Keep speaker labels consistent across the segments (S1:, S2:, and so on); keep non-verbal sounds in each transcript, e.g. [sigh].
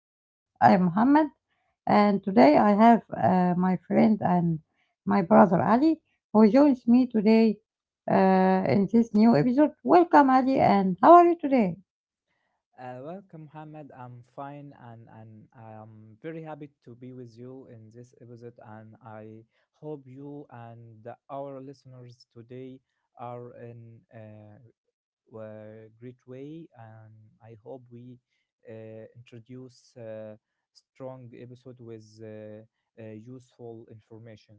S1: episode. I'm Mohammed, and today I have my friend and my brother Ali who joins me today in this new episode. Welcome, Ali, and how are you today?
S2: Welcome, Mohammed. I'm fine and I'm very happy to be with you in this episode. And I hope you and our listeners today are in a great way. And I hope we uh, introduce a strong episode with useful information.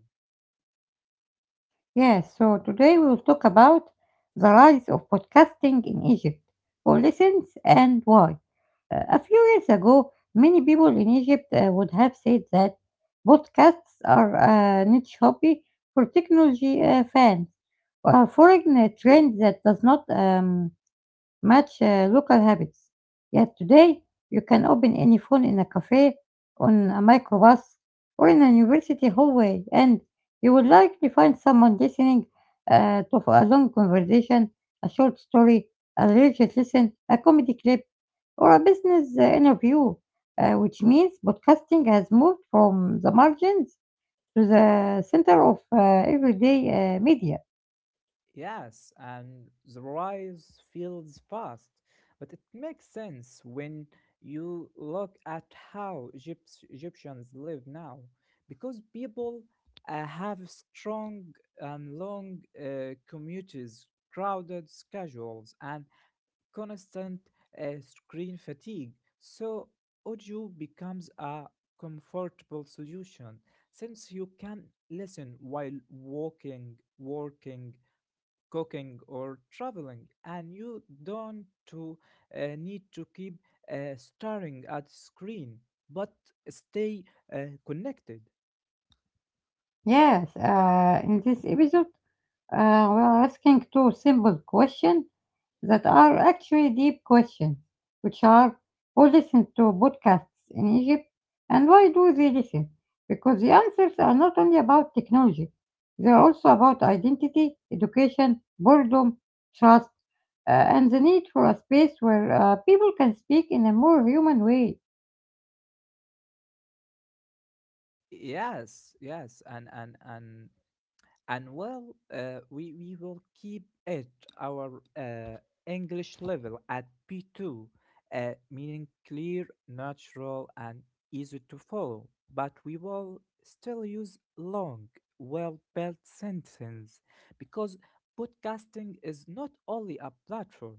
S1: Yes, so today we will talk about the rise of podcasting in Egypt. Who listens and why? A few years ago, many people in Egypt would have said that podcasts are a niche hobby for technology fans, or a foreign trend that does not match local habits. Yet today, you can open any phone in a cafe, on a microbus, or in a university hallway, and you will likely find someone listening to a long conversation, a short story, a religious lesson, a comedy clip, or a business interview, which means podcasting has moved from the margins to the center of everyday media.
S2: Yes, and the rise feels fast, but it makes sense when you look at how Egyptians live now, because people have strong and long commutes, crowded schedules, and constant screen fatigue. So audio becomes a comfortable solution since you can listen while walking, working cooking or traveling and you don't to need to keep staring at screen but stay connected.
S1: Yes, in this episode, Uh, we are asking two simple questions that are actually deep questions, which are who listens to podcasts in Egypt and why do they listen? Because the answers are not only about technology, they are also about identity, education, boredom, trust, and the need for a space where people can speak in a more human way.
S2: yes yes and and and we will keep it our English level at P2, meaning clear, natural, and easy to follow. But we will still use long, well-built sentences because podcasting is not only a platform;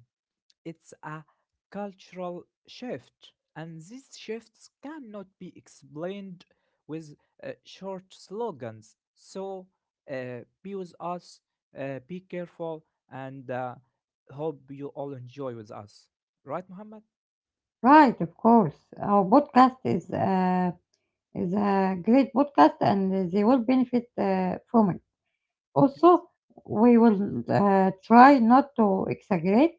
S2: it's a cultural shift, and these shifts cannot be explained with short slogans. So be with us, be careful, and hope you all enjoy with us. Right, Muhammad?
S1: Right, of course. Our podcast is a great podcast and they will benefit from it.
S2: Yes.
S1: Also, we will try not to exaggerate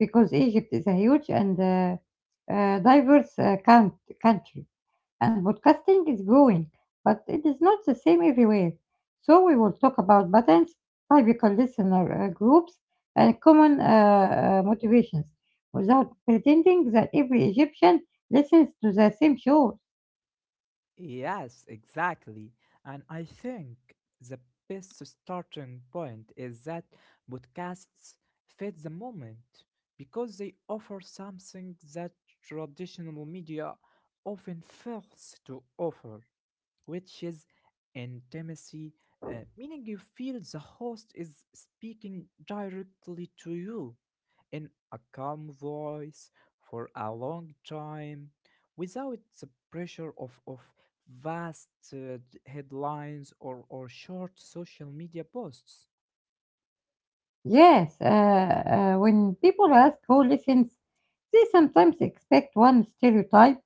S1: because Egypt is a huge and diverse country, and podcasting is growing, but it is not the same everywhere. So, we will talk about patterns, typical listener groups, and common motivations without pretending that every Egyptian listens to the same show.
S2: Yes, exactly. And I think the best starting point is that podcasts fit the moment because they offer something that traditional media often fails to offer, which is intimacy, meaning you feel the host is speaking directly to you in a calm voice for a long time without the pressure of vast headlines or short social media posts.
S1: Yes, when people ask who listens, they sometimes expect one stereotype,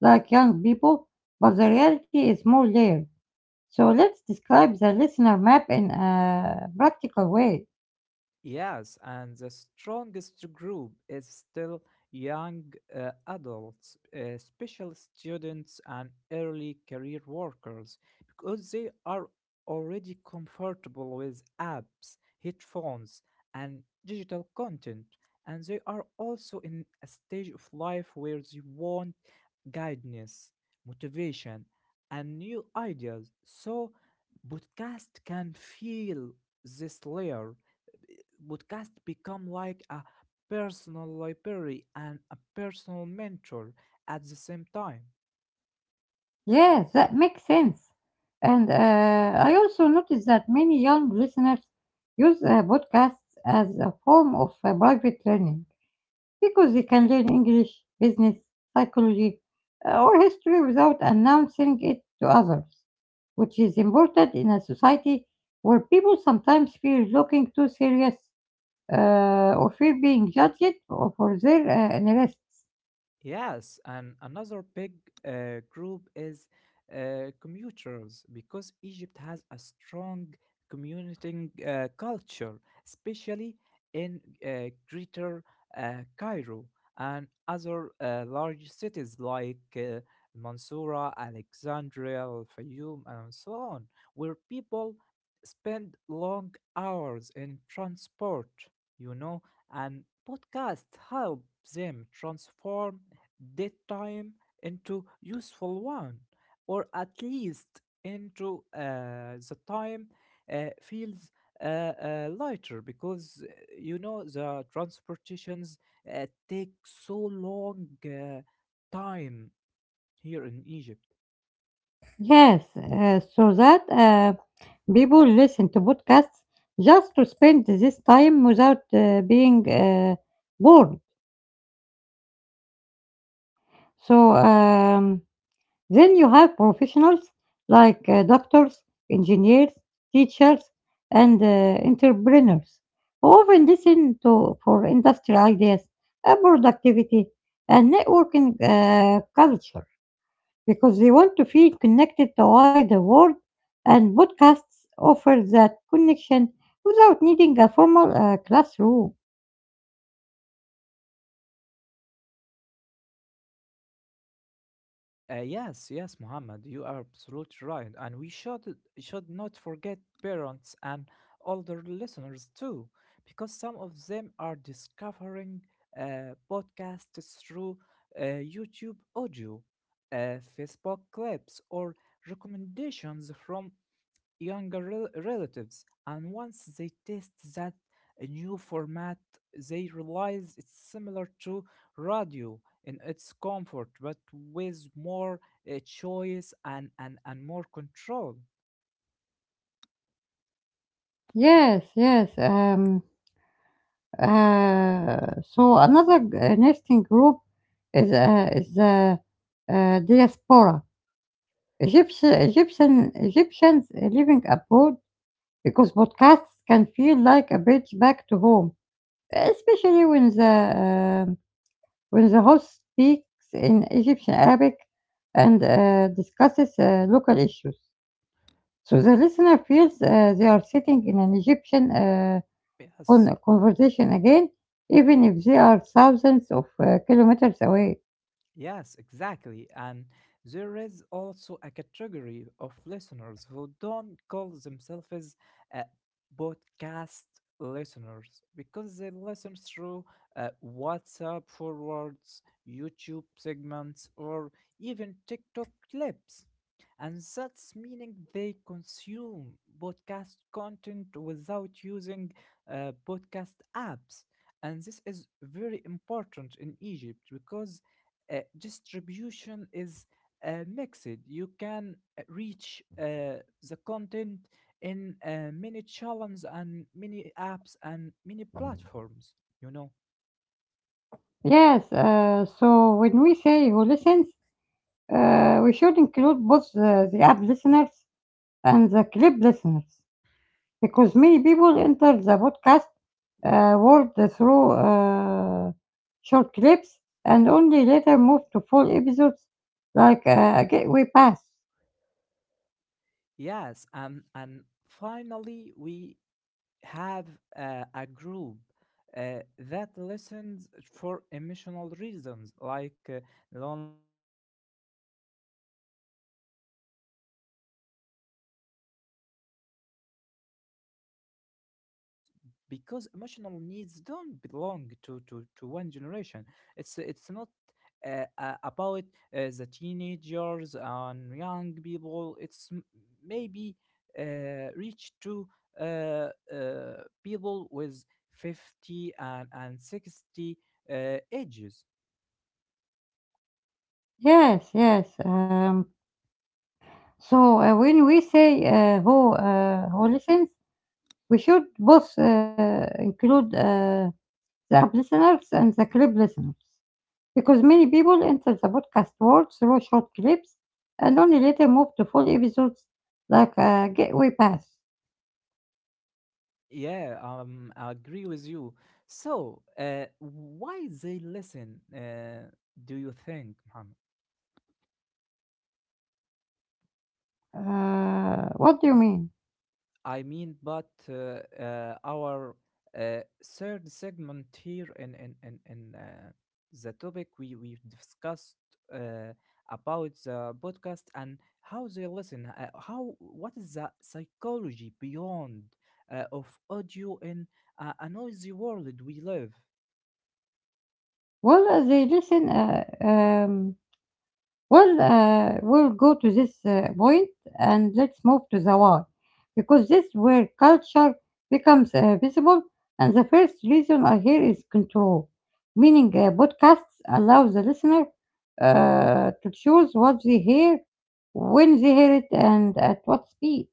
S1: like young people, but the reality is more layered. So let's describe the listener map in a practical way.
S2: Yes, and the strongest group is still young adults, special students, and early career workers because they are already comfortable with apps, headphones, and digital content, and they are also in a stage of life where they want guidance, motivation, and new ideas. So, podcast can feel this layer podcast become like a personal library and a personal mentor at the same time.
S1: Yes, that makes sense. And I also noticed that many young listeners use podcasts as a form of private learning. Because you can learn English, business, psychology, or history without announcing it to others, which is important in a society where people sometimes fear looking too serious or fear being judged for their interests.
S2: Yes, and another big group is commuters because Egypt has a strong commuting culture, especially in Greater Cairo and other large cities like Mansoura, Alexandria, Al Fayoum, and so on, where people spend long hours in transport, you know, and podcasts help them transform daytime into useful one, or at least into the time feels lighter because you know the transportations take so long time here in Egypt.
S1: Yes, so that people listen to podcasts just to spend this time without being bored. So, um, Then you have professionals like doctors, engineers, teachers, and entrepreneurs who often listen to for industry ideas, productivity, and networking culture because they want to feel connected to wider world. And podcasts offer that connection without needing a formal classroom.
S2: Yes, yes, Muhammad, you are absolutely right, and we should not forget parents and older listeners too, because some of them are discovering podcasts through YouTube audio, Facebook clips, or recommendations from younger relatives. And once they test that new format, they realize it's similar to radio in its comfort, but with more choice and more control.
S1: Yes, yes. Um, so another nesting group is the diaspora. Egyptians living abroad because podcasts can feel like a bridge back to home, especially um when the host speaks in Egyptian Arabic and discusses local issues. So the listener feels they are sitting in an Egyptian
S2: Yes.
S1: conversation again, even if they are thousands of kilometers away.
S2: Yes, exactly. And there is also a category of listeners who don't call themselves uh, podcast listeners because they listen through WhatsApp forwards, YouTube segments, or even TikTok clips. And that's meaning they consume podcast content without using podcast apps. And this is very important in Egypt because distribution is mixed. You can reach the content in many channels and many apps and many platforms. You know,
S1: Yes, so when we say who listens, we should include both the app listeners and the clip listeners because many people enter the podcast world through short clips and only later move to full episodes like a gateway pass.
S2: yes, and finally we have a group that listens for emotional reasons like loneliness, stress, or the need of calm voices, and this group includes many ages because emotional needs don't belong to one generation. It's not about the teenagers and young people. It's maybe reach to uh, uh, people with 50 and 60 ages.
S1: Yes, yes. Um, when we say who listens, We should both include the app listeners and the clip listeners because many people enter the podcast world through short clips and only later move to full episodes like a gateway pass.
S2: Yeah, I agree with you. So, why they listen? Do you think, Mohammed?
S1: What do you mean?
S2: I mean, but our third segment here in the topic we discussed uh, about the podcast and how they listen. How what is the psychology beyond of audio in a noisy world we live?
S1: Well, we'll go to this point and let's move to the why, because this where culture becomes visible. And the first reason I hear is control, meaning podcasts allow the listener to choose what they hear, when they hear it, and at what speed.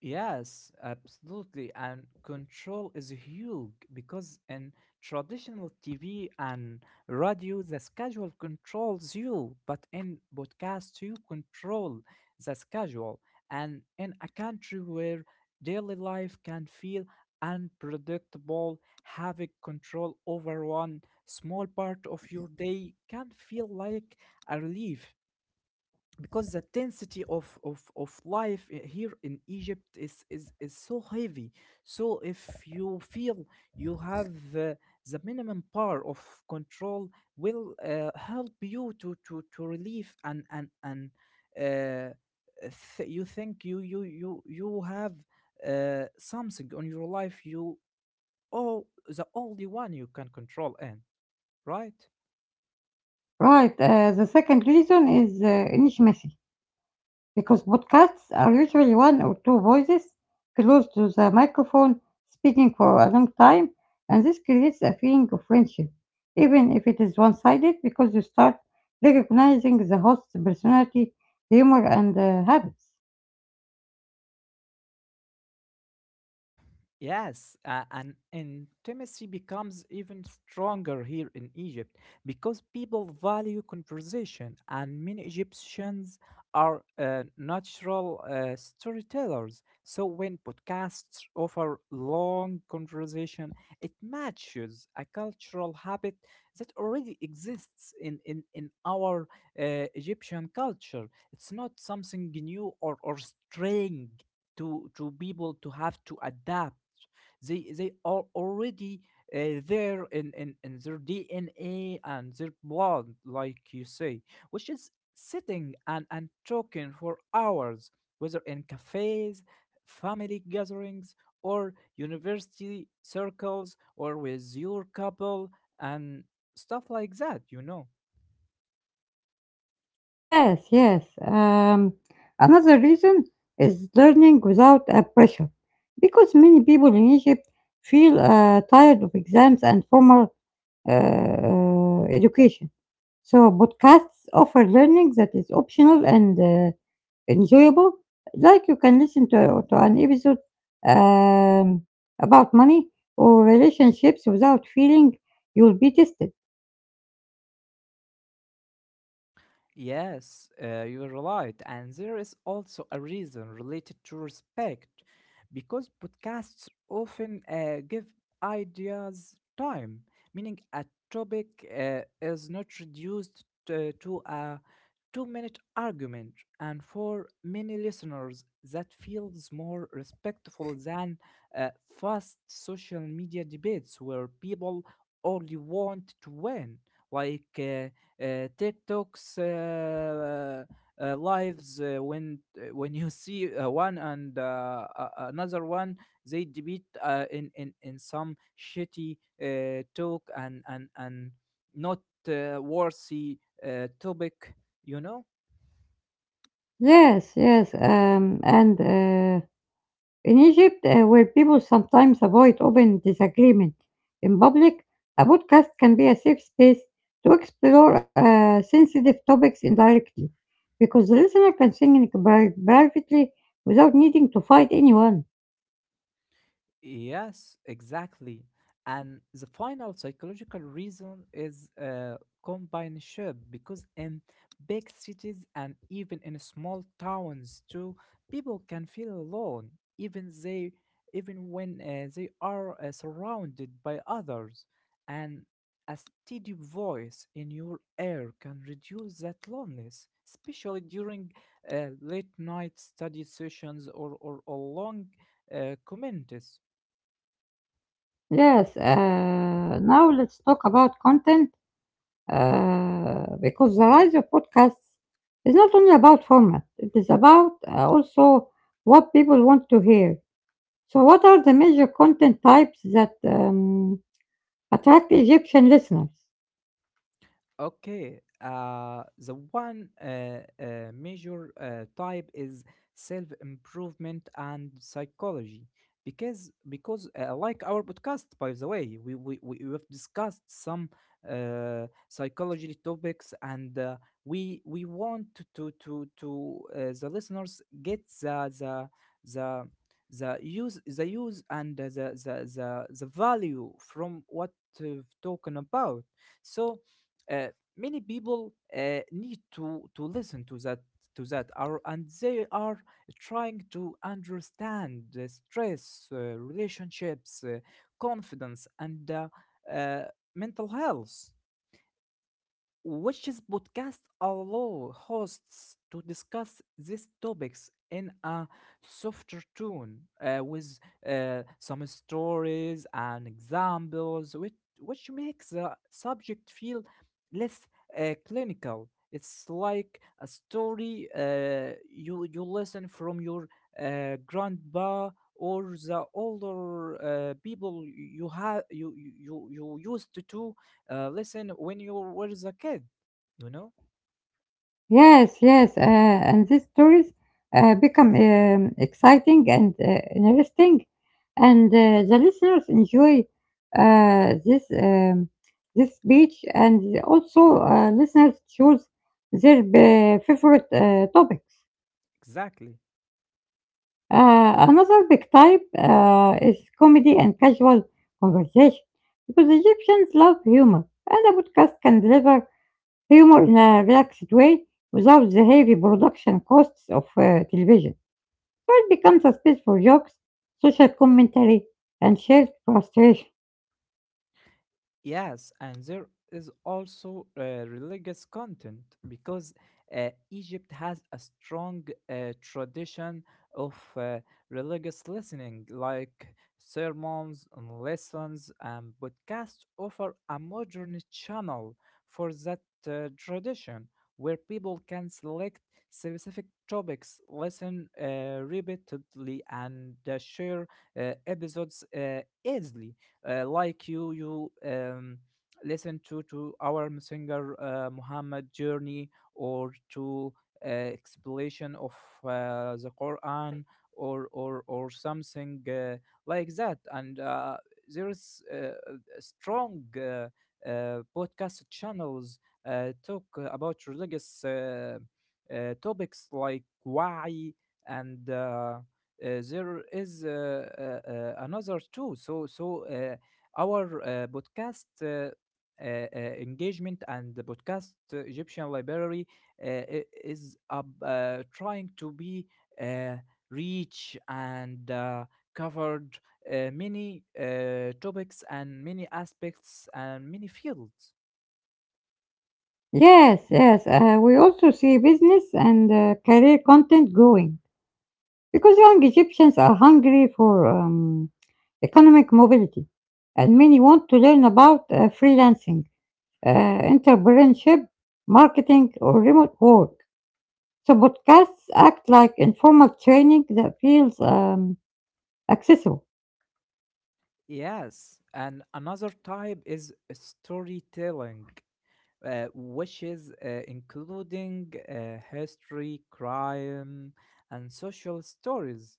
S2: Yes, absolutely. And control is huge because in traditional TV and radio, the schedule controls you, but in podcasts, you control the schedule. And in a country where daily life can feel unpredictable, having control over one small part of your day can feel like a relief because the density of life here in Egypt is so heavy. So if you feel you have the minimum power of control, will help you to relieve and uh, you think you have something on your life you oh the only one you can control in right.
S1: Right, the second reason is intimacy, because podcasts are usually one or two voices close to the microphone speaking for a long time, and this creates a feeling of friendship, even if it is one sided, because you start recognizing the host's personality, humor, and habits.
S2: Yes, and intimacy becomes even stronger here in Egypt because people value conversation, and many Egyptians are natural storytellers. So when podcasts offer long conversation, it matches a cultural habit that already exists in our Egyptian culture. It's not something new or strange to people to have to adapt. They are already there in their dna and their blood like you say, which is sitting and talking for hours whether in cafes, family gatherings, or university circles or with your couple and stuff like that, you know.
S1: Yes, yes. Um, another reason is learning without a pressure, because many people in Egypt feel tired of exams and formal education. So podcasts offer learning that is optional and enjoyable. Like you can listen to an episode um, about money or relationships without feeling you'll be tested.
S2: Yes, you are right. And there is also a reason related to respect, because podcasts often give ideas time, meaning a topic is not reduced to a 2 minute argument, and for many listeners, that feels more respectful than uh, fast social media debates where people only want to win, like TikTok's. Lives when you see one and another one they debate in some shitty talk and not worthy topic, you know.
S1: Yes, yes, and. In Egypt, where people sometimes avoid open disagreement in public, a podcast can be a safe space to explore sensitive topics indirectly, because the listener can sing privately without needing to fight anyone.
S2: Yes, exactly. And the final psychological reason is companionship because in big cities and even in small towns too, people can feel alone, even they, even when they are surrounded by others. And a steady voice in your ear can reduce that loneliness, especially during late night study sessions or long comments.
S1: Yes, now let's talk about content because the rise of podcasts is not only about format, it is about also what people want to hear. So what are the major content types that attract Egyptian listeners?
S2: Okay, the one major type is self-improvement and psychology, because like our podcast, by the way, we have discussed some psychology topics, and we want to the listeners get the the the use the use and the value from what we've talking about, so. Uh, many people need to listen to that are and they are trying to understand the stress relationships confidence and uh, mental health. Which's podcast allow hosts to discuss these topics in a softer tone, with some stories and examples, which makes the subject feel less clinical. It's like a story you listen from your grandpa or the older people you have you used to listen when you was a kid, you know.
S1: Yes, yes, and these stories become exciting and interesting, and the listeners enjoy uh, this um, this speech, and also listeners choose their favorite topic.
S2: Exactly.
S1: Another big type is comedy and casual conversation because Egyptians love humor, and a podcast can deliver humor in a relaxed way without the heavy production costs of television. So it becomes a space for jokes, social commentary, and shared frustration.
S2: Yes, and there is also religious content because Egypt has a strong tradition of religious listening, like sermons and lessons and podcasts offer a modern channel for that tradition where people can select specific topics, listen repeatedly, and share episodes easily, like you listen to our singer Muhammad journey or to explanation of the Quran or something like that and there is a strong podcast channels talk about religious topics like why and there is another too so so our podcast engagement and the podcast Egyptian Library is up, trying to be uh, reach and covered many topics and many aspects and many fields.
S1: Yes, yes, we also see business and career content growing because young Egyptians are hungry for economic mobility. And many want to learn about freelancing, entrepreneurship, marketing, or remote work. So podcasts act like informal training that feels accessible.
S2: Yes, and another type is storytelling, which is including history, crime, and social stories.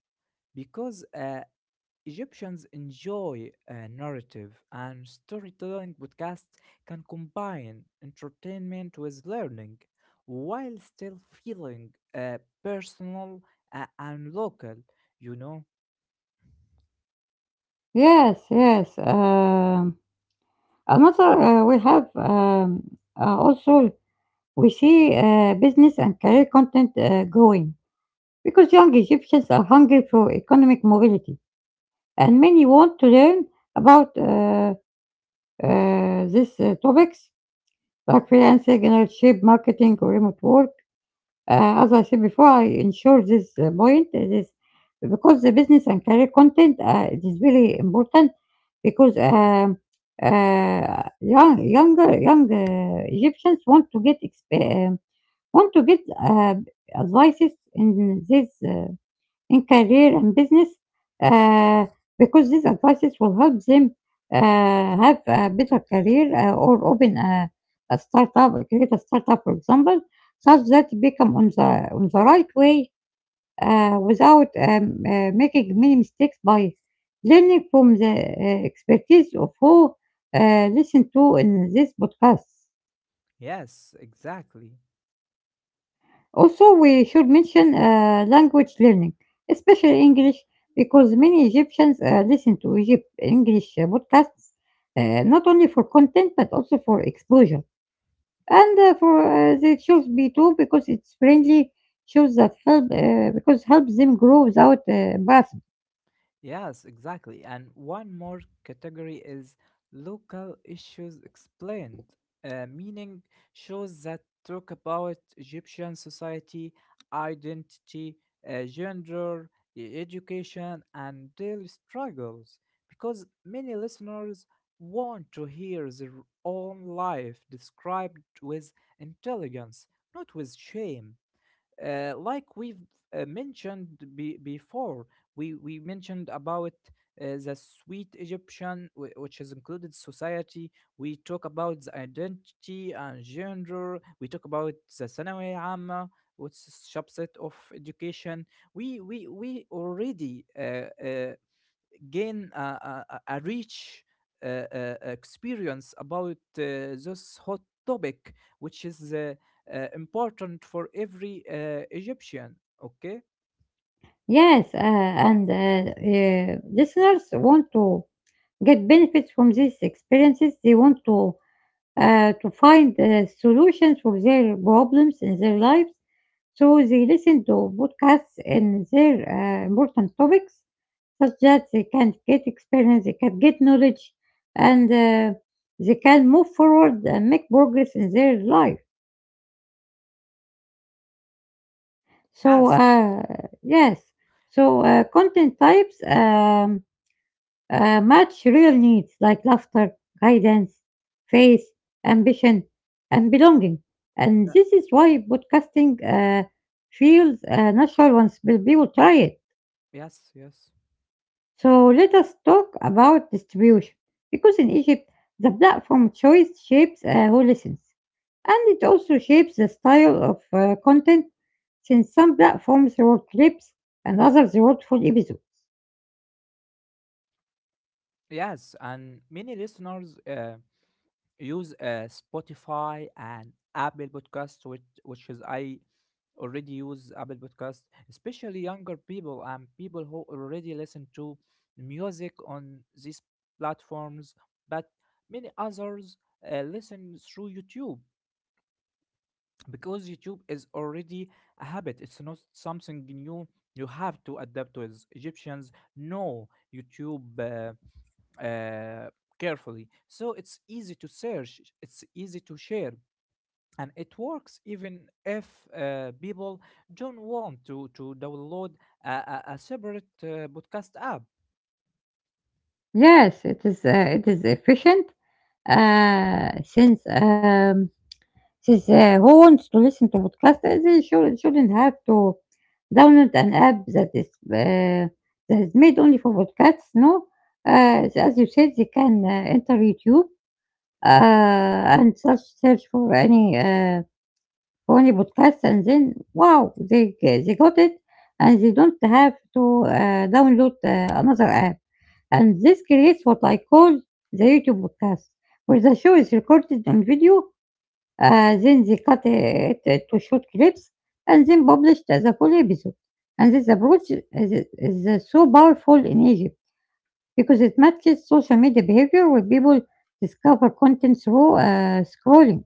S2: Because Egyptians enjoy narrative and storytelling podcasts can combine entertainment with learning while still feeling uh, personal and local, you know?
S1: Yes, yes. Another we have also we see business and career content growing because young Egyptians are hungry for economic mobility and many want to learn about these topics like freelancing, internship, marketing, or remote work. As I said before, I ensure this point this because the business and career content it is really important because young Egyptians want to get want to get advices in this in career and business uh, because these advices will help them have a better career or open a startup, create a startup, for example, such that it become on the right way without making many mistakes by learning from the expertise of who listen to in this podcast.
S2: Yes, exactly.
S1: Also, we should mention language learning, especially English, because many Egyptians listen to Egypt English podcasts, not only for content but also for exposure. And for they choose B2 because it's friendly, shows that help because helps them grow without embarrassment.
S2: Yes, exactly. And one more category is local issues explained, meaning shows that talk about Egyptian society, identity, gender, education, and daily struggles. Because many listeners want to hear their own life described with intelligence, not with shame. Like we've mentioned before, we mentioned about the sweet Egyptian, which has included society. We talk about the identity and gender. We talk about the ثانوية عامة, which is subset of education. We already gain a a rich experience about this hot topic, which is important for every Egyptian. Okay.
S1: Yes, and listeners want to get benefits from these experiences. They want to find solutions for their problems in their lives. So they listen to podcasts in their important topics, such that they can get experience, they can get knowledge, and they can move forward and make progress in their life. So,
S2: Yes.
S1: uh, yes, so, content types. Match real needs like laughter, guidance, faith, ambition, and belonging. And
S2: Uh,
S1: this is why podcasting feels natural once people try it.
S2: Yes. Yes.
S1: So let us talk about distribution. Because in Egypt, the platform choice shapes who listens. And it also shapes the style of content since some platforms reward clips and others reward full episodes.
S2: Yes. And many listeners. Use Spotify and Apple Podcasts, which is I already use Apple Podcasts, especially younger people and people who already listen to music on these platforms, but many others listen through YouTube because YouTube is already a habit. It's not something new. You have to adapt to it. Egyptians know YouTube uh, carefully, so it's easy to search. It's easy to share and it works even if people don't want to download a separate podcast app.
S1: Yes, it is efficient, uh, since, um, since who wants to listen to podcast? They shouldn't have to download an app that is made only for podcasts, no? So as you said, they can enter YouTube, and search for any podcast, and then, wow, they got it, and they don't have to, download, another app and this creates what I call the YouTube podcast, where the show is recorded on video, then they cut it to short clips, and then published as a full episode. And this approach is so powerful in Egypt because it matches social media behavior where people discover content through scrolling.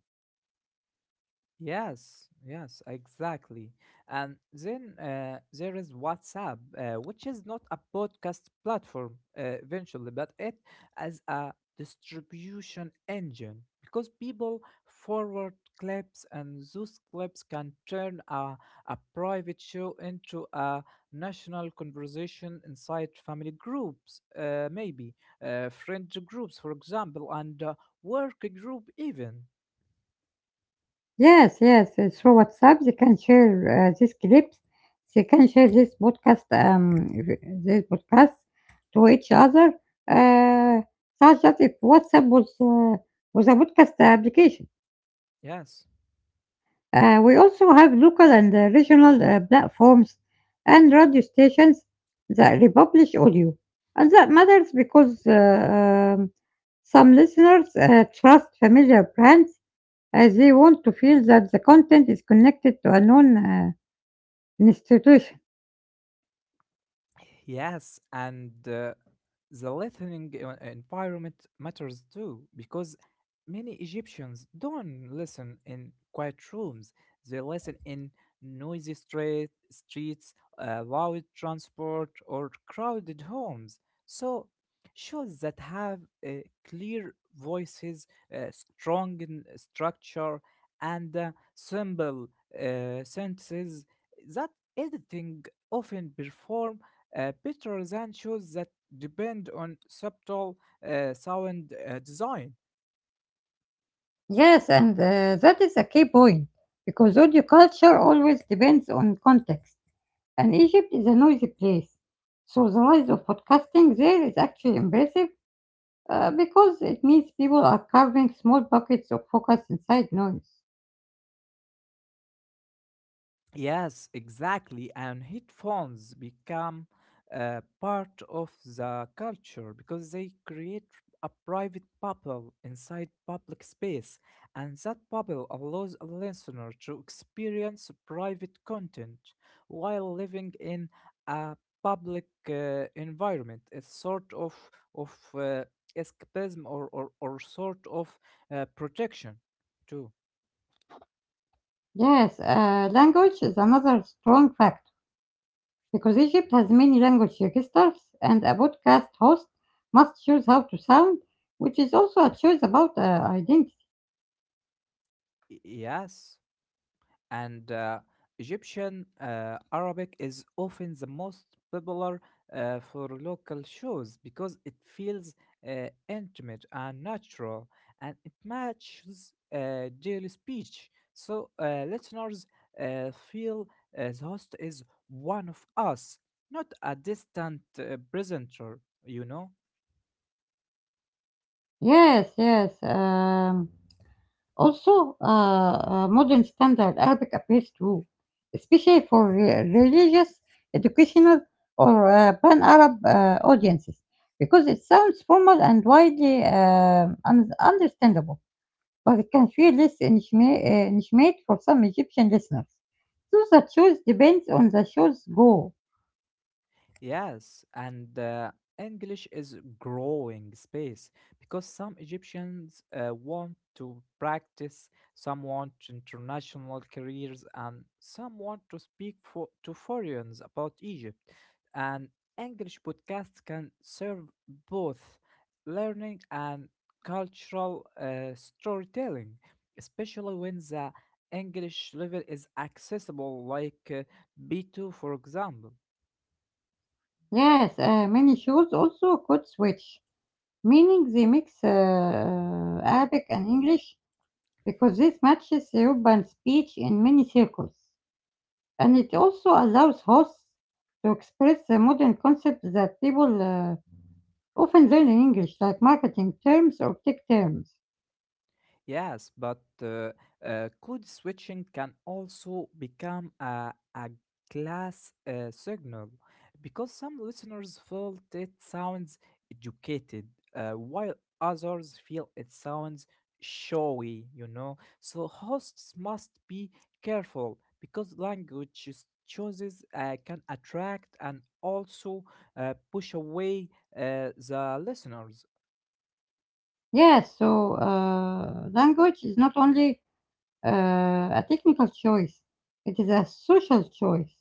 S2: Yes, yes, exactly. And then there is WhatsApp, which is not a podcast platform eventually, but it as a distribution engine because people forward clips and those clips can turn a private show into a national conversation inside family groups, maybe friend groups, for example, and work group even.
S1: Yes, yes, through WhatsApp they can share these clips. They can share this podcast, this podcast to each other. Uh, such that if WhatsApp was a podcast application,
S2: Yes.
S1: we also have local and regional platforms and radio stations that republish audio, and that matters because some listeners trust familiar brands as they want to feel that the content is connected to a known institution.
S2: Yes, and the listening environment matters too, because many Egyptians don't listen in quiet rooms. They listen in streets, loud transport, or crowded homes. So, shows that have uh, clear voices, strong structure, and simple sentences that editing often perform. Peter Zan shows that depend on subtle sound design.
S1: Yes, and that is a key point because audio culture always depends on context, and Egypt is a noisy place. So the rise of podcasting there is actually impressive because it means people are carving small pockets of focus inside noise.
S2: Yes, exactly. And headphones become part of the culture because they create a private bubble inside public space, and that bubble allows a listener to experience private content while living in a public environment. It's sort of escapism, or sort of protection too.
S1: Yes, language is another strong factor because Egypt has many language registers, and a podcast host must choose how to sound, which is also a choice about identity.
S2: Yes, and Egyptian Arabic is often the most popular for local shows because it feels intimate and natural and it matches daily speech. So listeners feel the host is one of us, not a distant presenter, you know?
S1: Yes, yes. Also, modern standard Arabic appears too, especially for religious, educational, or pan Arab audiences, because it sounds formal and widely understandable. But it can few less intimate for some Egyptian listeners. So the choice depends on the show's goal.
S2: Yes, and English is growing space because some Egyptians want to practice, some want international careers, and some want to speak for, to foreigners about Egypt. And English podcasts can serve both learning and cultural storytelling, especially when the English level is accessible, like B2, for example.
S1: Yes, many shows also could switch, meaning they mix Arabic and English because this matches the urban speech in many circles. And it also allows hosts to express the modern concepts that people often learn in English, like marketing terms or tech terms.
S2: Yes, but code switching can also become a class signal because some listeners felt it sounds educated, while others feel it sounds showy, you know. So hosts must be careful because language choices can attract and also push away the listeners.
S1: Yes, so language is not only a technical choice. It is a social choice.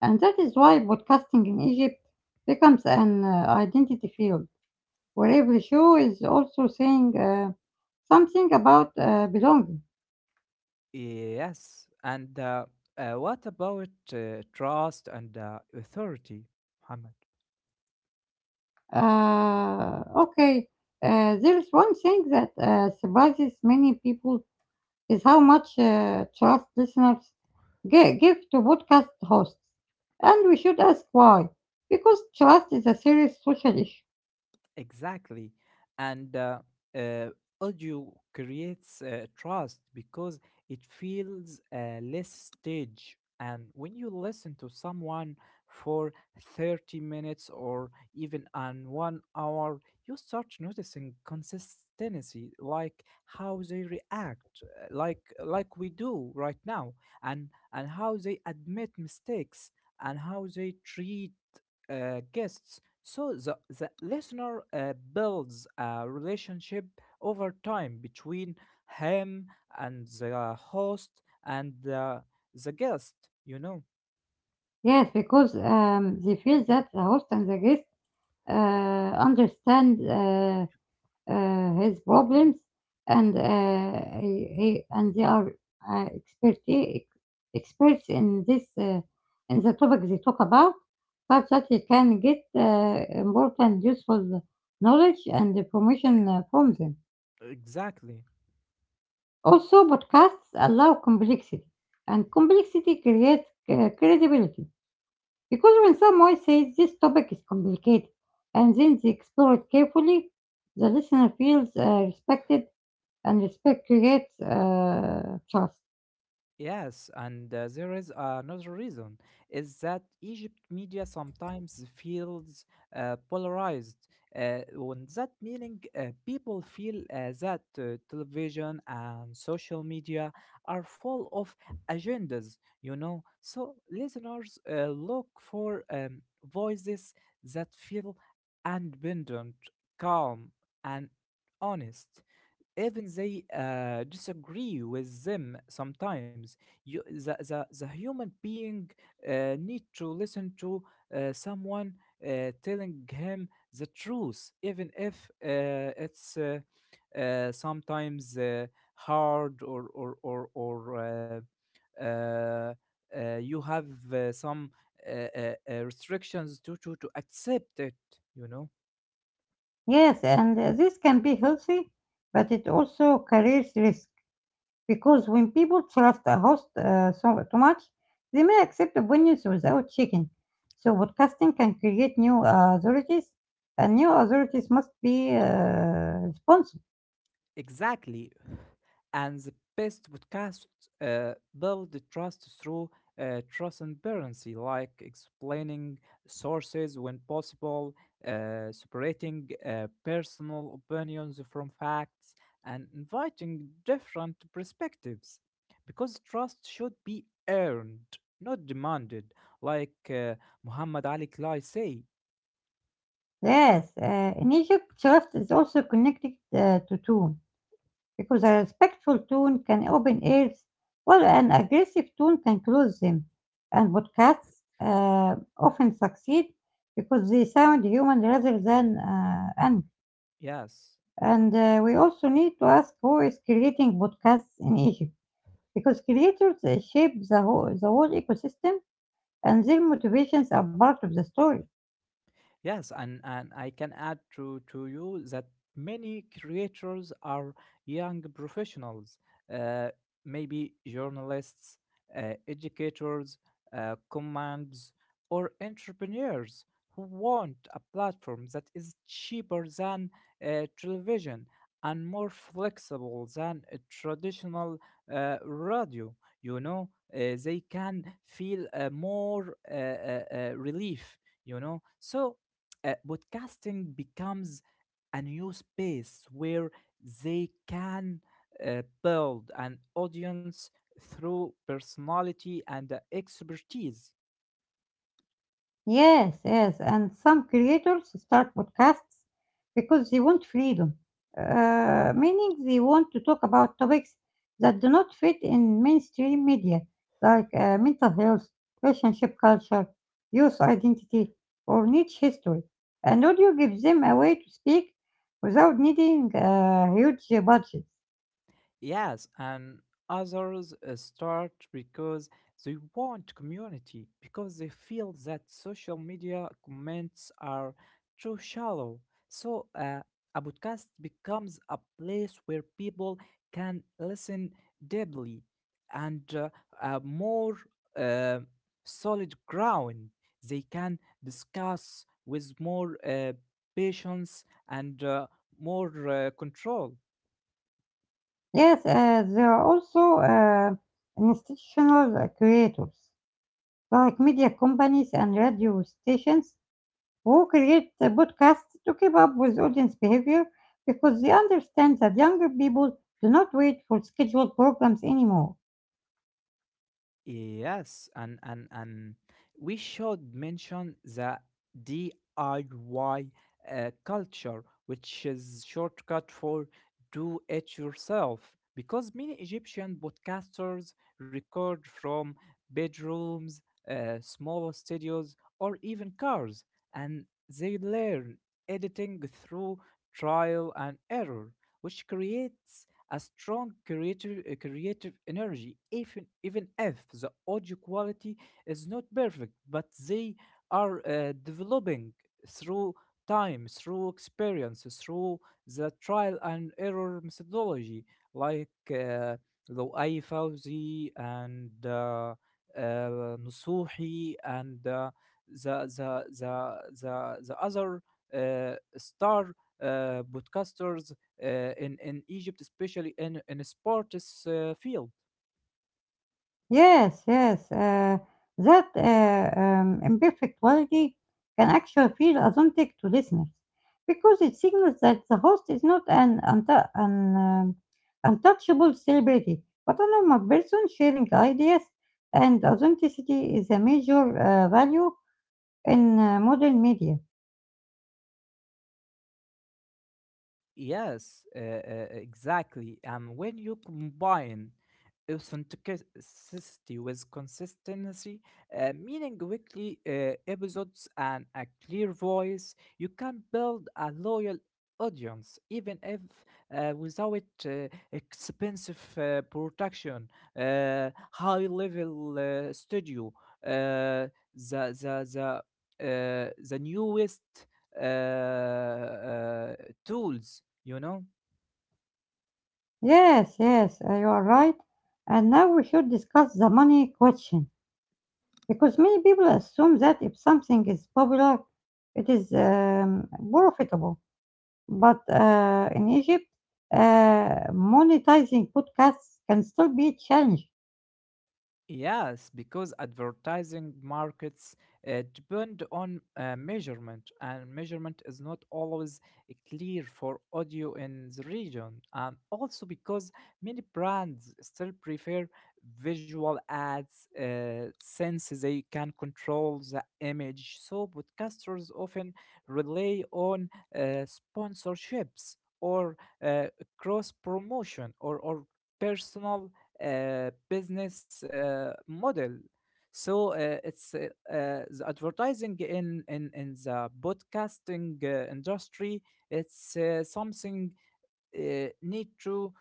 S1: And that is why podcasting in Egypt becomes an identity field where every show is also saying something about belonging.
S2: Yes, and what about trust and authority, Muhammad?
S1: Okay, there's one thing that surprises many people is how much trust listeners give to podcast hosts. And we should ask why. Because trust is a serious social issue.
S2: Exactly. And uh, audio creates trust because it feels less stage. And when you listen to someone for 30 minutes or even an 1 hour, you start noticing consistency, like how they react, like we do right now, and how they admit mistakes and how they treat guests so the listener builds a relationship over time between him and the host and the guest, you know.
S1: Yes, because they feel that the host and the guest understand his problems, and he and they are uh, expert experts in this in the topic they talk about, such that he can get important, useful knowledge and information from them.
S2: Exactly.
S1: Also, podcasts allow complexity, and complexity creates credibility. Because when someone says this topic is complicated and then they explore it carefully, the listener feels respected and respect creates trust.
S2: Yes, and there is another reason is that Egypt media sometimes feels polarized. On that meaning, people feel that television and social media are full of agendas, you know. So listeners look for voices that feel independent, calm, and honest even they disagree with them sometimes you the human being need to listen to someone telling him the truth even if it's sometimes hard or uh, uh, you have some restrictions to, to accept it, you know.
S1: Yes, and this can be healthy, but it also carries risk because when people trust a host so too much, they may accept opinions without checking. So podcasting can create new authorities, and new authorities must be responsible.
S2: Exactly. And the best podcasts build the trust through transparency, like explaining sources when possible, separating personal opinions from facts, and inviting different perspectives. Because trust should be earned, not demanded, like Muhammad Ali Klai say.
S1: Yes, in Egypt, craft is also connected to tone because a respectful tone can open ears while an aggressive tone can close them. And podcasts often succeed because they sound human rather than angry.
S2: Yes.
S1: And we also need to ask who is creating podcasts in Egypt because creators shape the whole ecosystem and their motivations are part of the story.
S2: Yes, and I can add to you that many creators are young professionals, uh, maybe journalists, educators, commands, or entrepreneurs who want a platform that is cheaper than television and more flexible than a traditional radio. You know, they can feel more relief, you know. So podcasting becomes a new space where they can build an audience through personality and expertise.
S1: Yes, yes, and some creators start podcasts because they want freedom, meaning they want to talk about topics that do not fit in mainstream media, like mental health, relationship culture, youth identity, or niche history. And audio gives them a way to speak without needing a huge budget.
S2: Yes, and others start because they want community, because they feel that social media comments are too shallow. So, a podcast becomes a place where people can listen deeply and more uh, solid ground. They can discuss with more patience and more control.
S1: Yes, there are also institutional creators, like media companies and radio stations who create the podcasts to keep up with audience behavior because they understand that younger people do not wait for scheduled programs anymore.
S2: Yes, and we should mention the DIY culture, which is shortcut for do it yourself, because many Egyptian podcasters record from bedrooms, small studios, or even cars, and they learn editing through trial and error, which creates a strong creative, creative energy, even if the audio quality is not perfect, but they are developing through time, through experience, through the trial and error methodology, like Louis Fauzi and Nusuhi and the, the other star podcasters in Egypt, especially in sports field.
S1: Yes, yes, that imperfect quality can actually feel authentic to listeners because it signals that the host is not an untouchable celebrity but a normal person sharing ideas, and authenticity is a major value in modern media.
S2: Yes, exactly. And when you combine authenticity with consistency, meaning weekly episodes and a clear voice, you can build a loyal audience, even if without expensive production, high level studio, uh, the the the newest uh, uh, tools, you know?
S1: Yes, yes, you are right. And now we should discuss the money question because many people assume that if something is popular, it is profitable. But in Egypt, monetizing podcasts can still be a challenge.
S2: Yes, because advertising markets depend on measurement, and measurement is not always clear for audio in the region. And also because many brands still prefer visual ads since they can control the image. So, podcasters often rely on uh, sponsorships or uh, cross promotion, or personal business model. So it's the advertising in in the broadcasting industry. It's something need to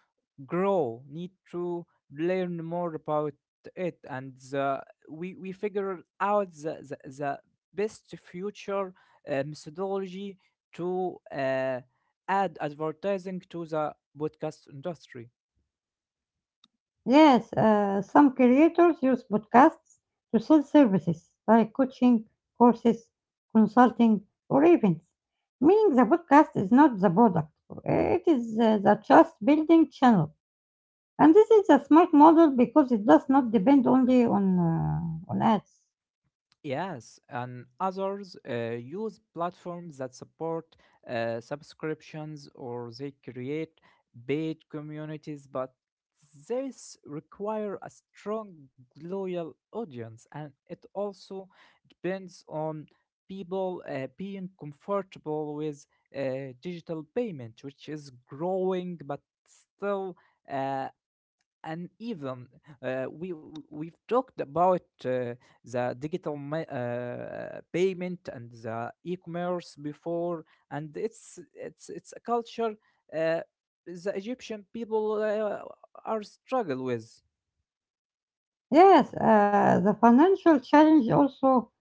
S2: grow, need to learn more about it, and the, we figure out the best future methodology to add advertising to the podcast industry.
S1: Yes, some creators use podcasts to sell services like coaching, courses, consulting, or events, meaning the podcast is not the product, it is the trust building channel. And this is a smart model because it does not depend only on ads.
S2: Yes, and others use platforms that support subscriptions or they create paid communities, but these require a strong, loyal audience, and it also depends on people being comfortable with digital payment, which is growing but still uh, and even we we've talked about the digital payment and the e-commerce before and it's it's a culture uh, the egyptian people are struggle with.
S1: Yes, the financial challenge also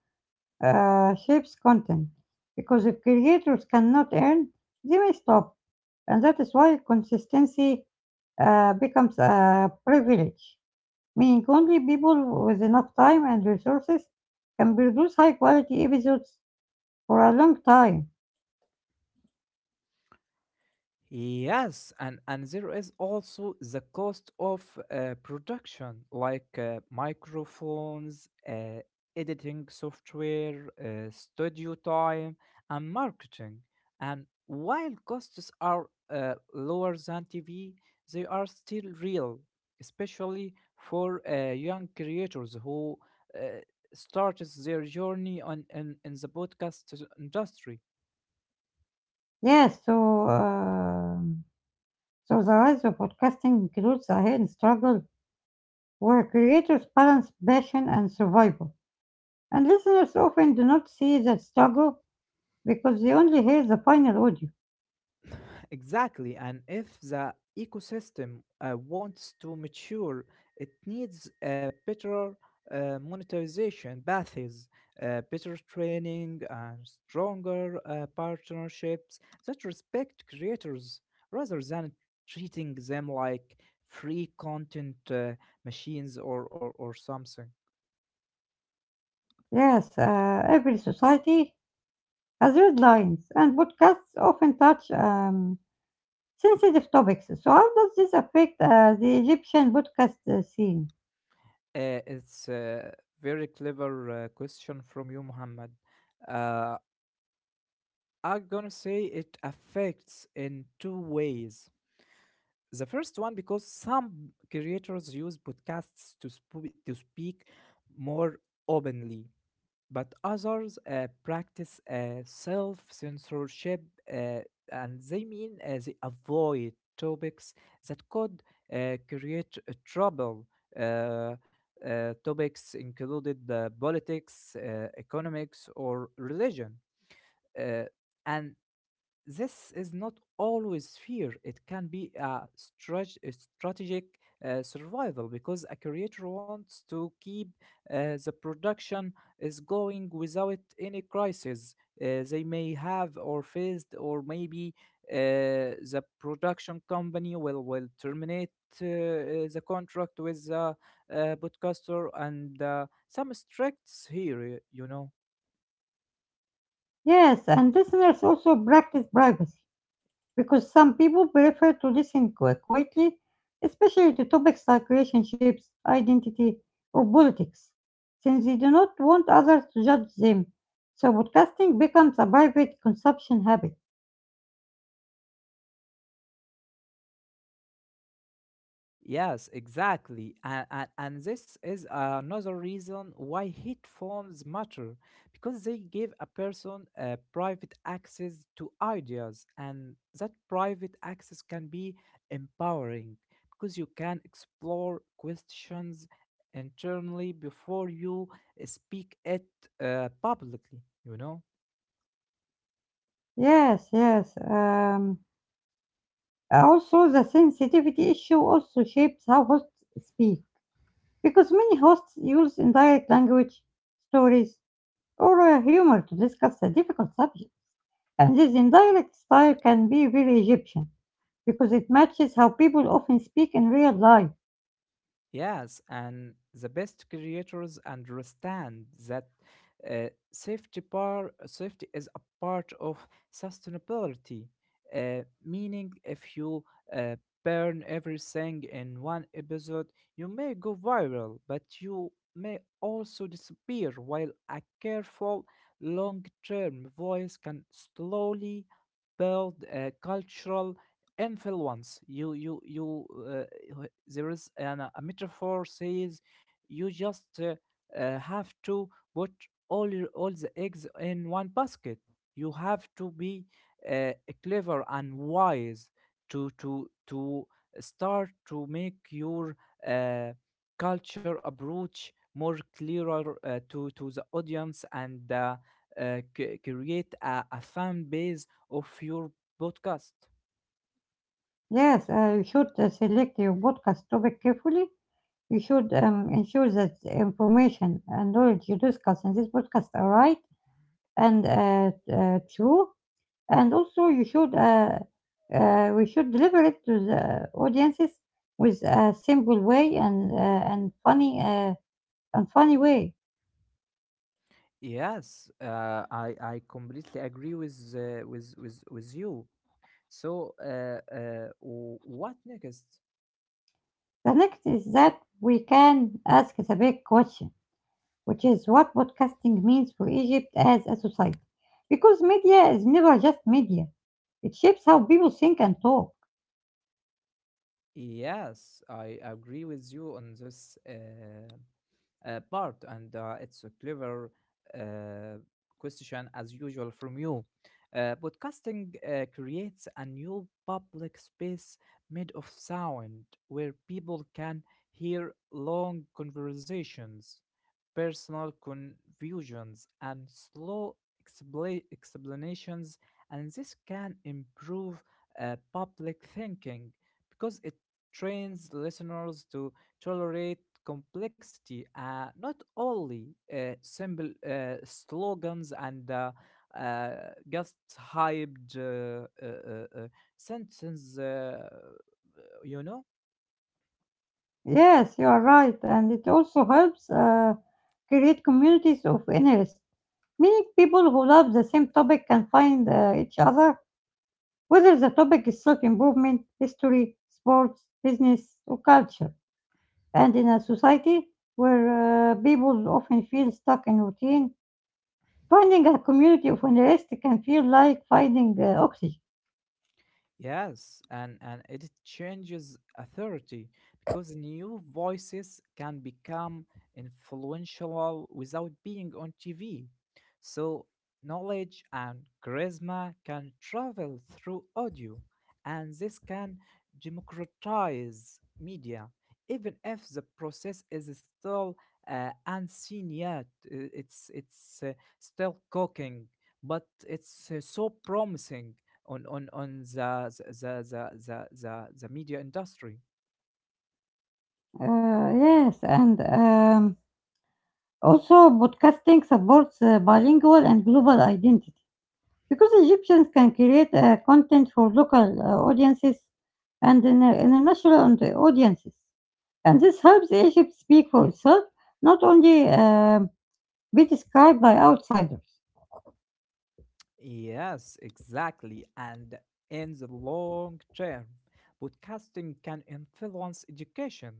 S1: shapes content because if creators cannot earn, they may stop. And that is why consistency becomes a privilege, meaning only people with enough time and resources can produce high quality episodes for a long time.
S2: Yes, and there is also the cost of production, like microphones, editing software, studio time, and marketing. And while costs are lower than TV, they are still real, especially for young creators who uh, started their journey on, in the podcast industry.
S1: Yes, so um so the rise of podcasting includes a hidden struggle where creators balance passion and survival, and listeners often do not see that struggle because they only hear the final audio.
S2: Exactly, and if the ecosystem wants to mature, it needs better monetization paths, better training, and stronger partnerships that respect creators rather than treating them like free content machines, or something.
S1: Yes, every society has red lines, and podcasts often touch sensitive topics. So, how does this affect the Egyptian podcast scene?
S2: It's a very clever question from you, Muhammad. Uh, I'm gonna say it affects in two ways. The first one, because some creators use podcasts to, to speak more openly, but others practice self censorship, uh, and they mean they avoid topics that could create trouble. Uh, topics included politics, economics, or religion. Uh, and this is not always fear. It can be a strategic survival because a creator wants to keep the production is going without any crisis they may have or faced, or maybe the production company will terminate the contract with the podcaster and some strikes here. You know.
S1: Yes, and listeners also practice privacy because some people prefer to listen quietly, especially to topics like relationships, identity, or politics, since they do not want others to judge them. So, podcasting becomes a private consumption habit.
S2: Yes, exactly. And this is another reason why headphones matter because they give a person private access to ideas, and that private access can be empowering because you can explore questions internally before you speak it publicly, you know?
S1: Yes, yes. Also, the sensitivity issue also shapes how hosts speak, because many hosts use indirect language, stories, or humor to discuss a difficult subject. And this indirect style can be very Egyptian, because it matches how people often speak in real life.
S2: Yes, and the best creators understand that uh, safety is a part of sustainability. Meaning, if you uh, burn everything in one episode, you may go viral, but you may also disappear. While a careful, long-term voice can slowly build a cultural influence. You uh, there is a metaphor says you just have to put all the eggs in one basket. You have to be uh, clever and wise to start to make your uh, culture approach more clearer to the audience and create a fan base of your podcast.
S1: Yes, you should select your podcast topic carefully. You should ensure that the information and knowledge you discuss in this podcast are right and true. And also we should deliver it to the audiences with a simple way and and funny way.
S2: Yes, I completely agree with with you. So, what next?
S1: The next is that we can ask the big question, which is what podcasting means for Egypt as a society. Because media is never just media. It shapes how people think and talk.
S2: Yes, I agree with you on this. Part, and it's a clever uh, question as usual from you. Podcasting creates a new public space made of sound where people can hear long conversations, personal confusions, and slow explanations, and this can improve public thinking because it trains listeners to tolerate complexity, not only simple slogans and just hyped sentence, you know.
S1: Yes, you are right, and it also helps create communities of interest. Meaning people who love the same topic can find each other, whether the topic is self improvement, history, sports, business, or culture. And in a society where people often feel stuck in routine, finding a community of interest can feel like finding oxygen.
S2: Yes, and it changes authority because new voices can become influential without being on TV. So, knowledge and charisma can travel through audio, and this can democratize media, even if the process is still unseen yet. It's still cooking, but it's so promising on the media industry.
S1: Yes, and also podcasting supports bilingual and global identity. Because Egyptians can create content for local audiences and international and audiences. And this helps Egypt speak for itself, not only be described by outsiders.
S2: Yes, exactly. And in the long term, podcasting can influence education,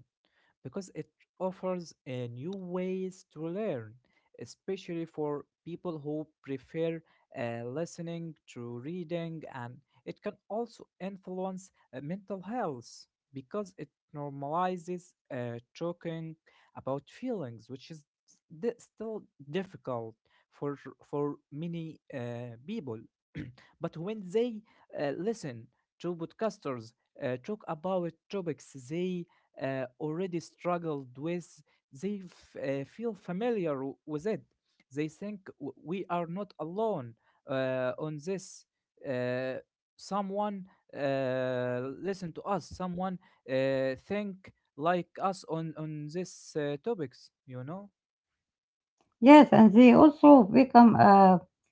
S2: because it offers a new ways to learn, especially for people who prefer listening to reading, and it can also influence mental health because it normalizes talking about feelings, which is still difficult for many people. [clears throat] But when they listen to podcasters talk about topics they already struggled with, they feel familiar with it. They think we are not alone on this. Uh, Someone listen to us. Someone think like us on these topics. You know.
S1: Yes, and they also become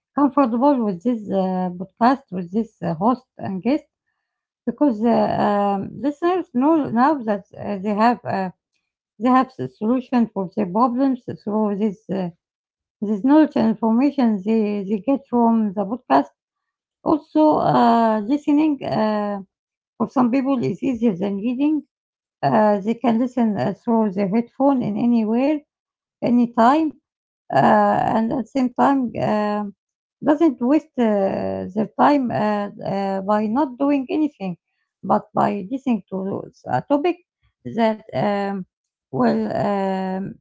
S1: comfortable with this podcast, with this host and guest, because listeners know now that they have the solution for their problems through this this knowledge and information they get from the podcast. Also, listening for some people is easier than reading. They can listen through their headphone in anywhere, anytime uh, and at the same time doesn't waste their time by not doing anything, but by listening to a topic that will um,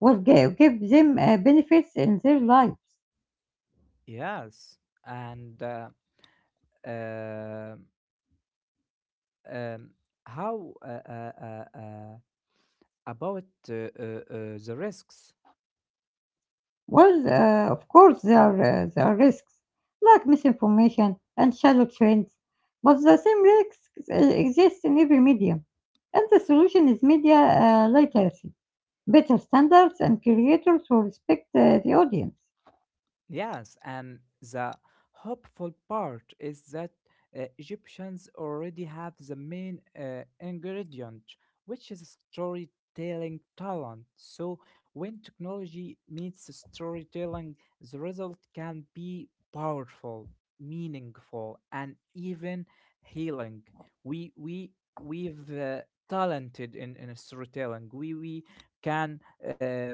S1: will give them benefits in their life.
S2: Yes, and uh, um, how about the risks?
S1: Well, of course, there are risks like misinformation and shallow trends, but the same risks exist in every medium, and the solution is media literacy better standards and creators who respect the audience.
S2: Yes, and the hopeful part is that Egyptians already have the main ingredient, which is storytelling talent. So, when technology meets storytelling, the result can be powerful, meaningful, and even healing. We we we've talented in storytelling. We can uh,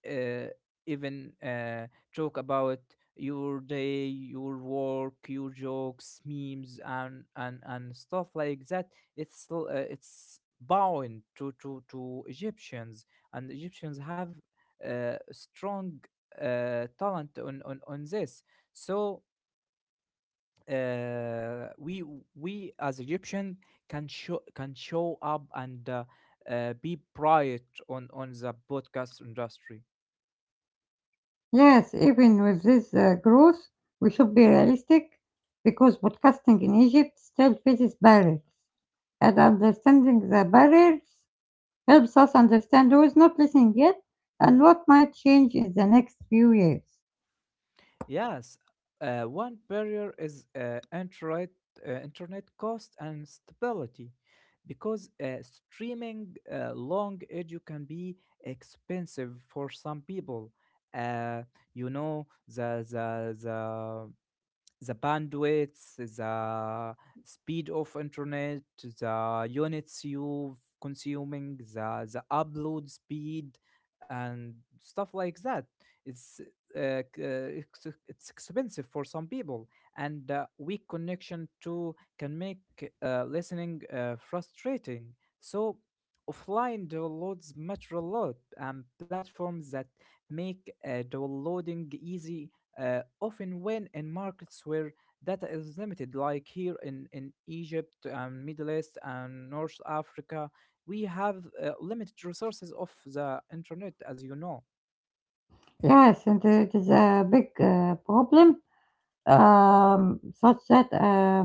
S2: uh, even. Talk about your day, your work, your jokes, memes, and stuff like that. It's it's bound to Egyptians, and Egyptians have strong talent on this. So we as Egyptian can show up and be bright on the podcast industry.
S1: Yes, even with this growth, we should be realistic because podcasting in Egypt still faces barriers, and understanding the barriers helps us understand who is not listening yet and what might change in the next few years.
S2: Yes, one barrier is internet, internet cost and stability because streaming long audio can be expensive for some people. Uh, you know, the, the bandwidth, the speed of internet, the units you consuming, the upload speed, and stuff like that. It's it's expensive for some people, and weak connection too can make listening frustrating. So offline downloads matter a lot, and platforms that make downloading easy often when in markets where data is limited, like here in Egypt and Middle East and North Africa, we have limited resources of the internet, as you know.
S1: Yes, and it is a big problem, such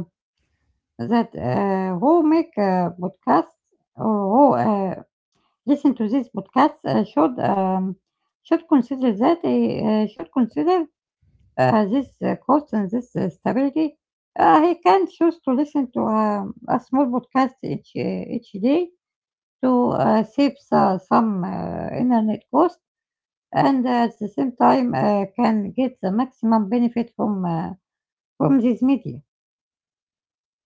S1: that who make a podcast or who listen to this podcast should should consider that he should consider this cost and this stability. He can choose to listen to a small podcast each day to save some internet cost, and at the same time can get the maximum benefit from this media.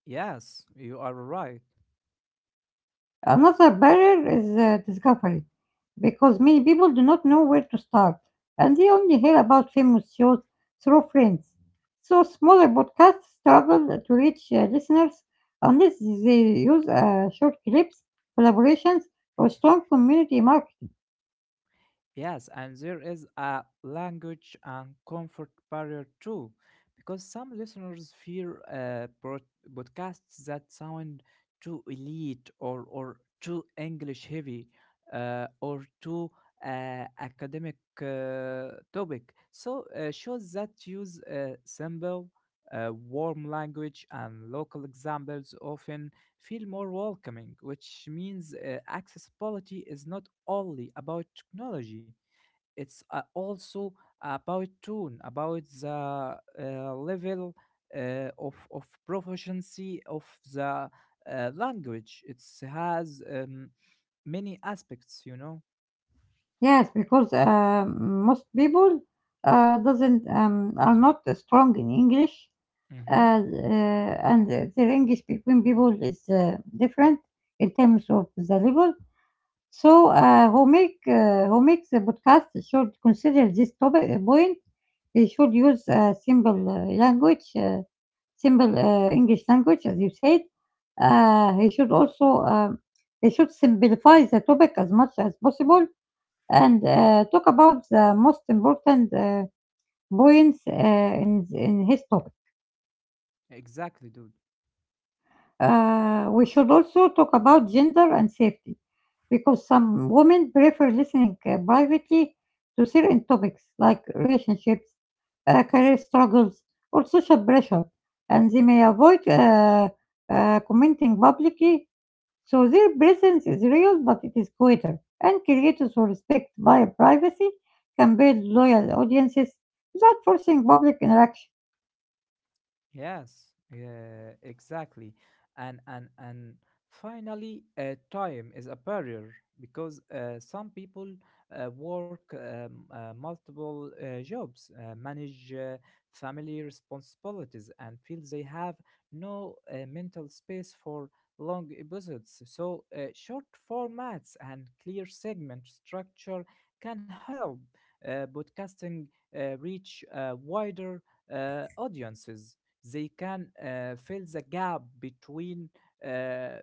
S2: Yes, you are right.
S1: Another barrier is discovery, because many people do not know where to start, and they only hear about famous shows through friends. So smaller podcasts struggle to reach listeners unless they use short clips, collaborations, or strong community marketing.
S2: Yes, and there is a language and comfort barrier too, because some listeners fear broadcasts that sound too elite, or too English heavy or too academic topic. So, shows that use simple, warm language and local examples often feel more welcoming, which means accessibility is not only about technology, it's also about tone, about the level of proficiency of the language it has, many aspects, you know.
S1: Yes, because most people doesn't are not strong in English, uh,
S2: Hmm.
S1: uh, and the English between people is different in terms of the level. So, who makes a podcast should consider this topic point. They should use simple language, simple English language, as you said. He should also They should simplify the topic as much as possible and talk about the most important points in his topic.
S2: Exactly, dude.
S1: We should also talk about gender and safety because some women prefer listening privately to certain topics like relationships, career struggles, or social pressure, and they may avoid commenting publicly. So their presence is real, but it is quieter. And creators who respect their privacy can build loyal audiences without forcing public interaction.
S2: Yes, yeah, exactly. And finally, time is a barrier because some people work, multiple jobs, manage family responsibilities, and feel they have no mental space for long episodes. So short formats and clear segment structure can help podcasting reach wider audiences. They can fill the gap between uh,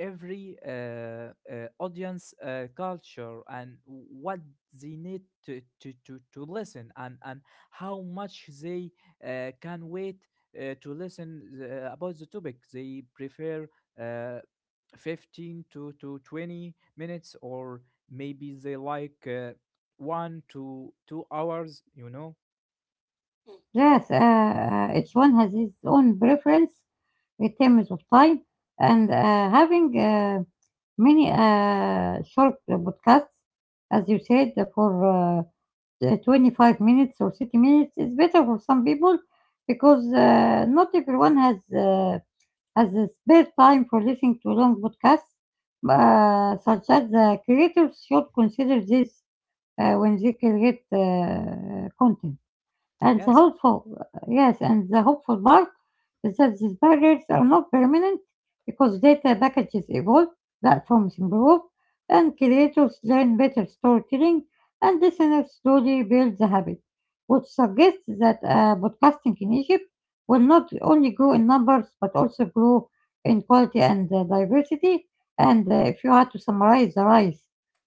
S2: every audience culture and what they need to listen, and how much they can wait to listen the, about the topic they prefer, uh, 15 to 20 minutes, or maybe they like 1 to 2 hours, you know.
S1: Yes, each one has his own preference in terms of time, and having many short podcasts, as you said, for 25 minutes or 30 minutes is better for some people because not everyone has the spare time for listening to long podcasts, such as creators should consider this when they create content. And the
S2: Yes.
S1: hopeful, yes, and the hopeful part is that these barriers are not permanent because data packages evolve, platforms improve, and creators learn better storytelling, and listeners slowly build the habit, which suggests that podcasting in Egypt will not only grow in numbers but also grow in quality and diversity. And if you had to summarize the rise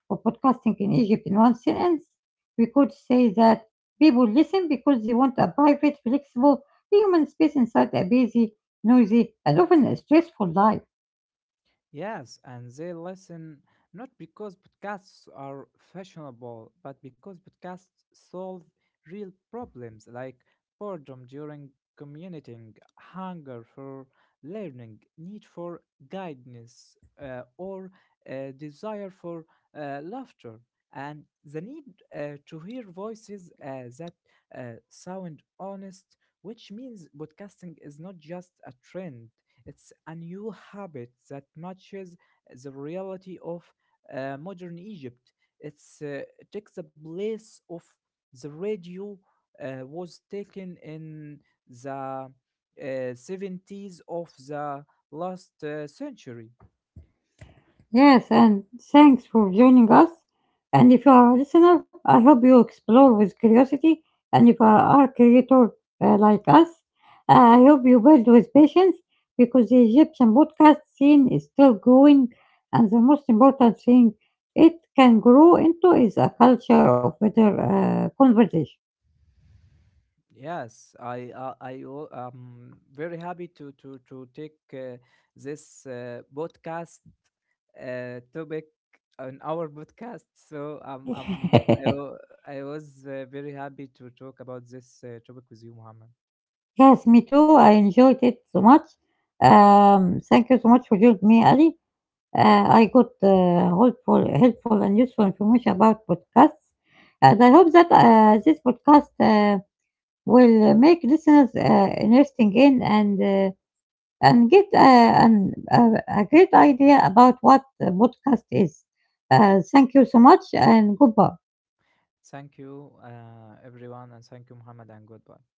S1: of podcasting in Egypt in one sentence, we could say that people listen because they want a private, flexible, human space inside a busy, noisy, and often a stressful life.
S2: Yes, and they listen not because podcasts are fashionable, but because podcasts solve real problems like boredom during commuting, hunger for learning, need for guidance, or desire for laughter, and the need to hear voices that sound honest, which means podcasting is not just a trend. It's a new habit that matches the reality of modern Egypt. It's it takes the place of the radio was taken in the '70s of the last century.
S1: Yes, and thanks for joining us. And if you are a listener, I hope you explore with curiosity. And if you are a creator like us, I hope you build with patience because the Egyptian podcast scene is still growing. And the most important thing it can grow into is a culture of better conversation.
S2: Yes, I'm very happy to take this podcast topic on our podcast. So
S1: [laughs]
S2: I was very happy to talk about this topic with you, Muhammad.
S1: Yes, me too. I enjoyed it so much. Thank you so much for joining me, Ali. Uh, I got helpful and useful information about podcasts, and I hope that this podcast will make listeners interesting in and get a great idea about what a podcast is. Thank you so much, and goodbye.
S2: Thank you, everyone, and thank you, Muhammad, and goodbye.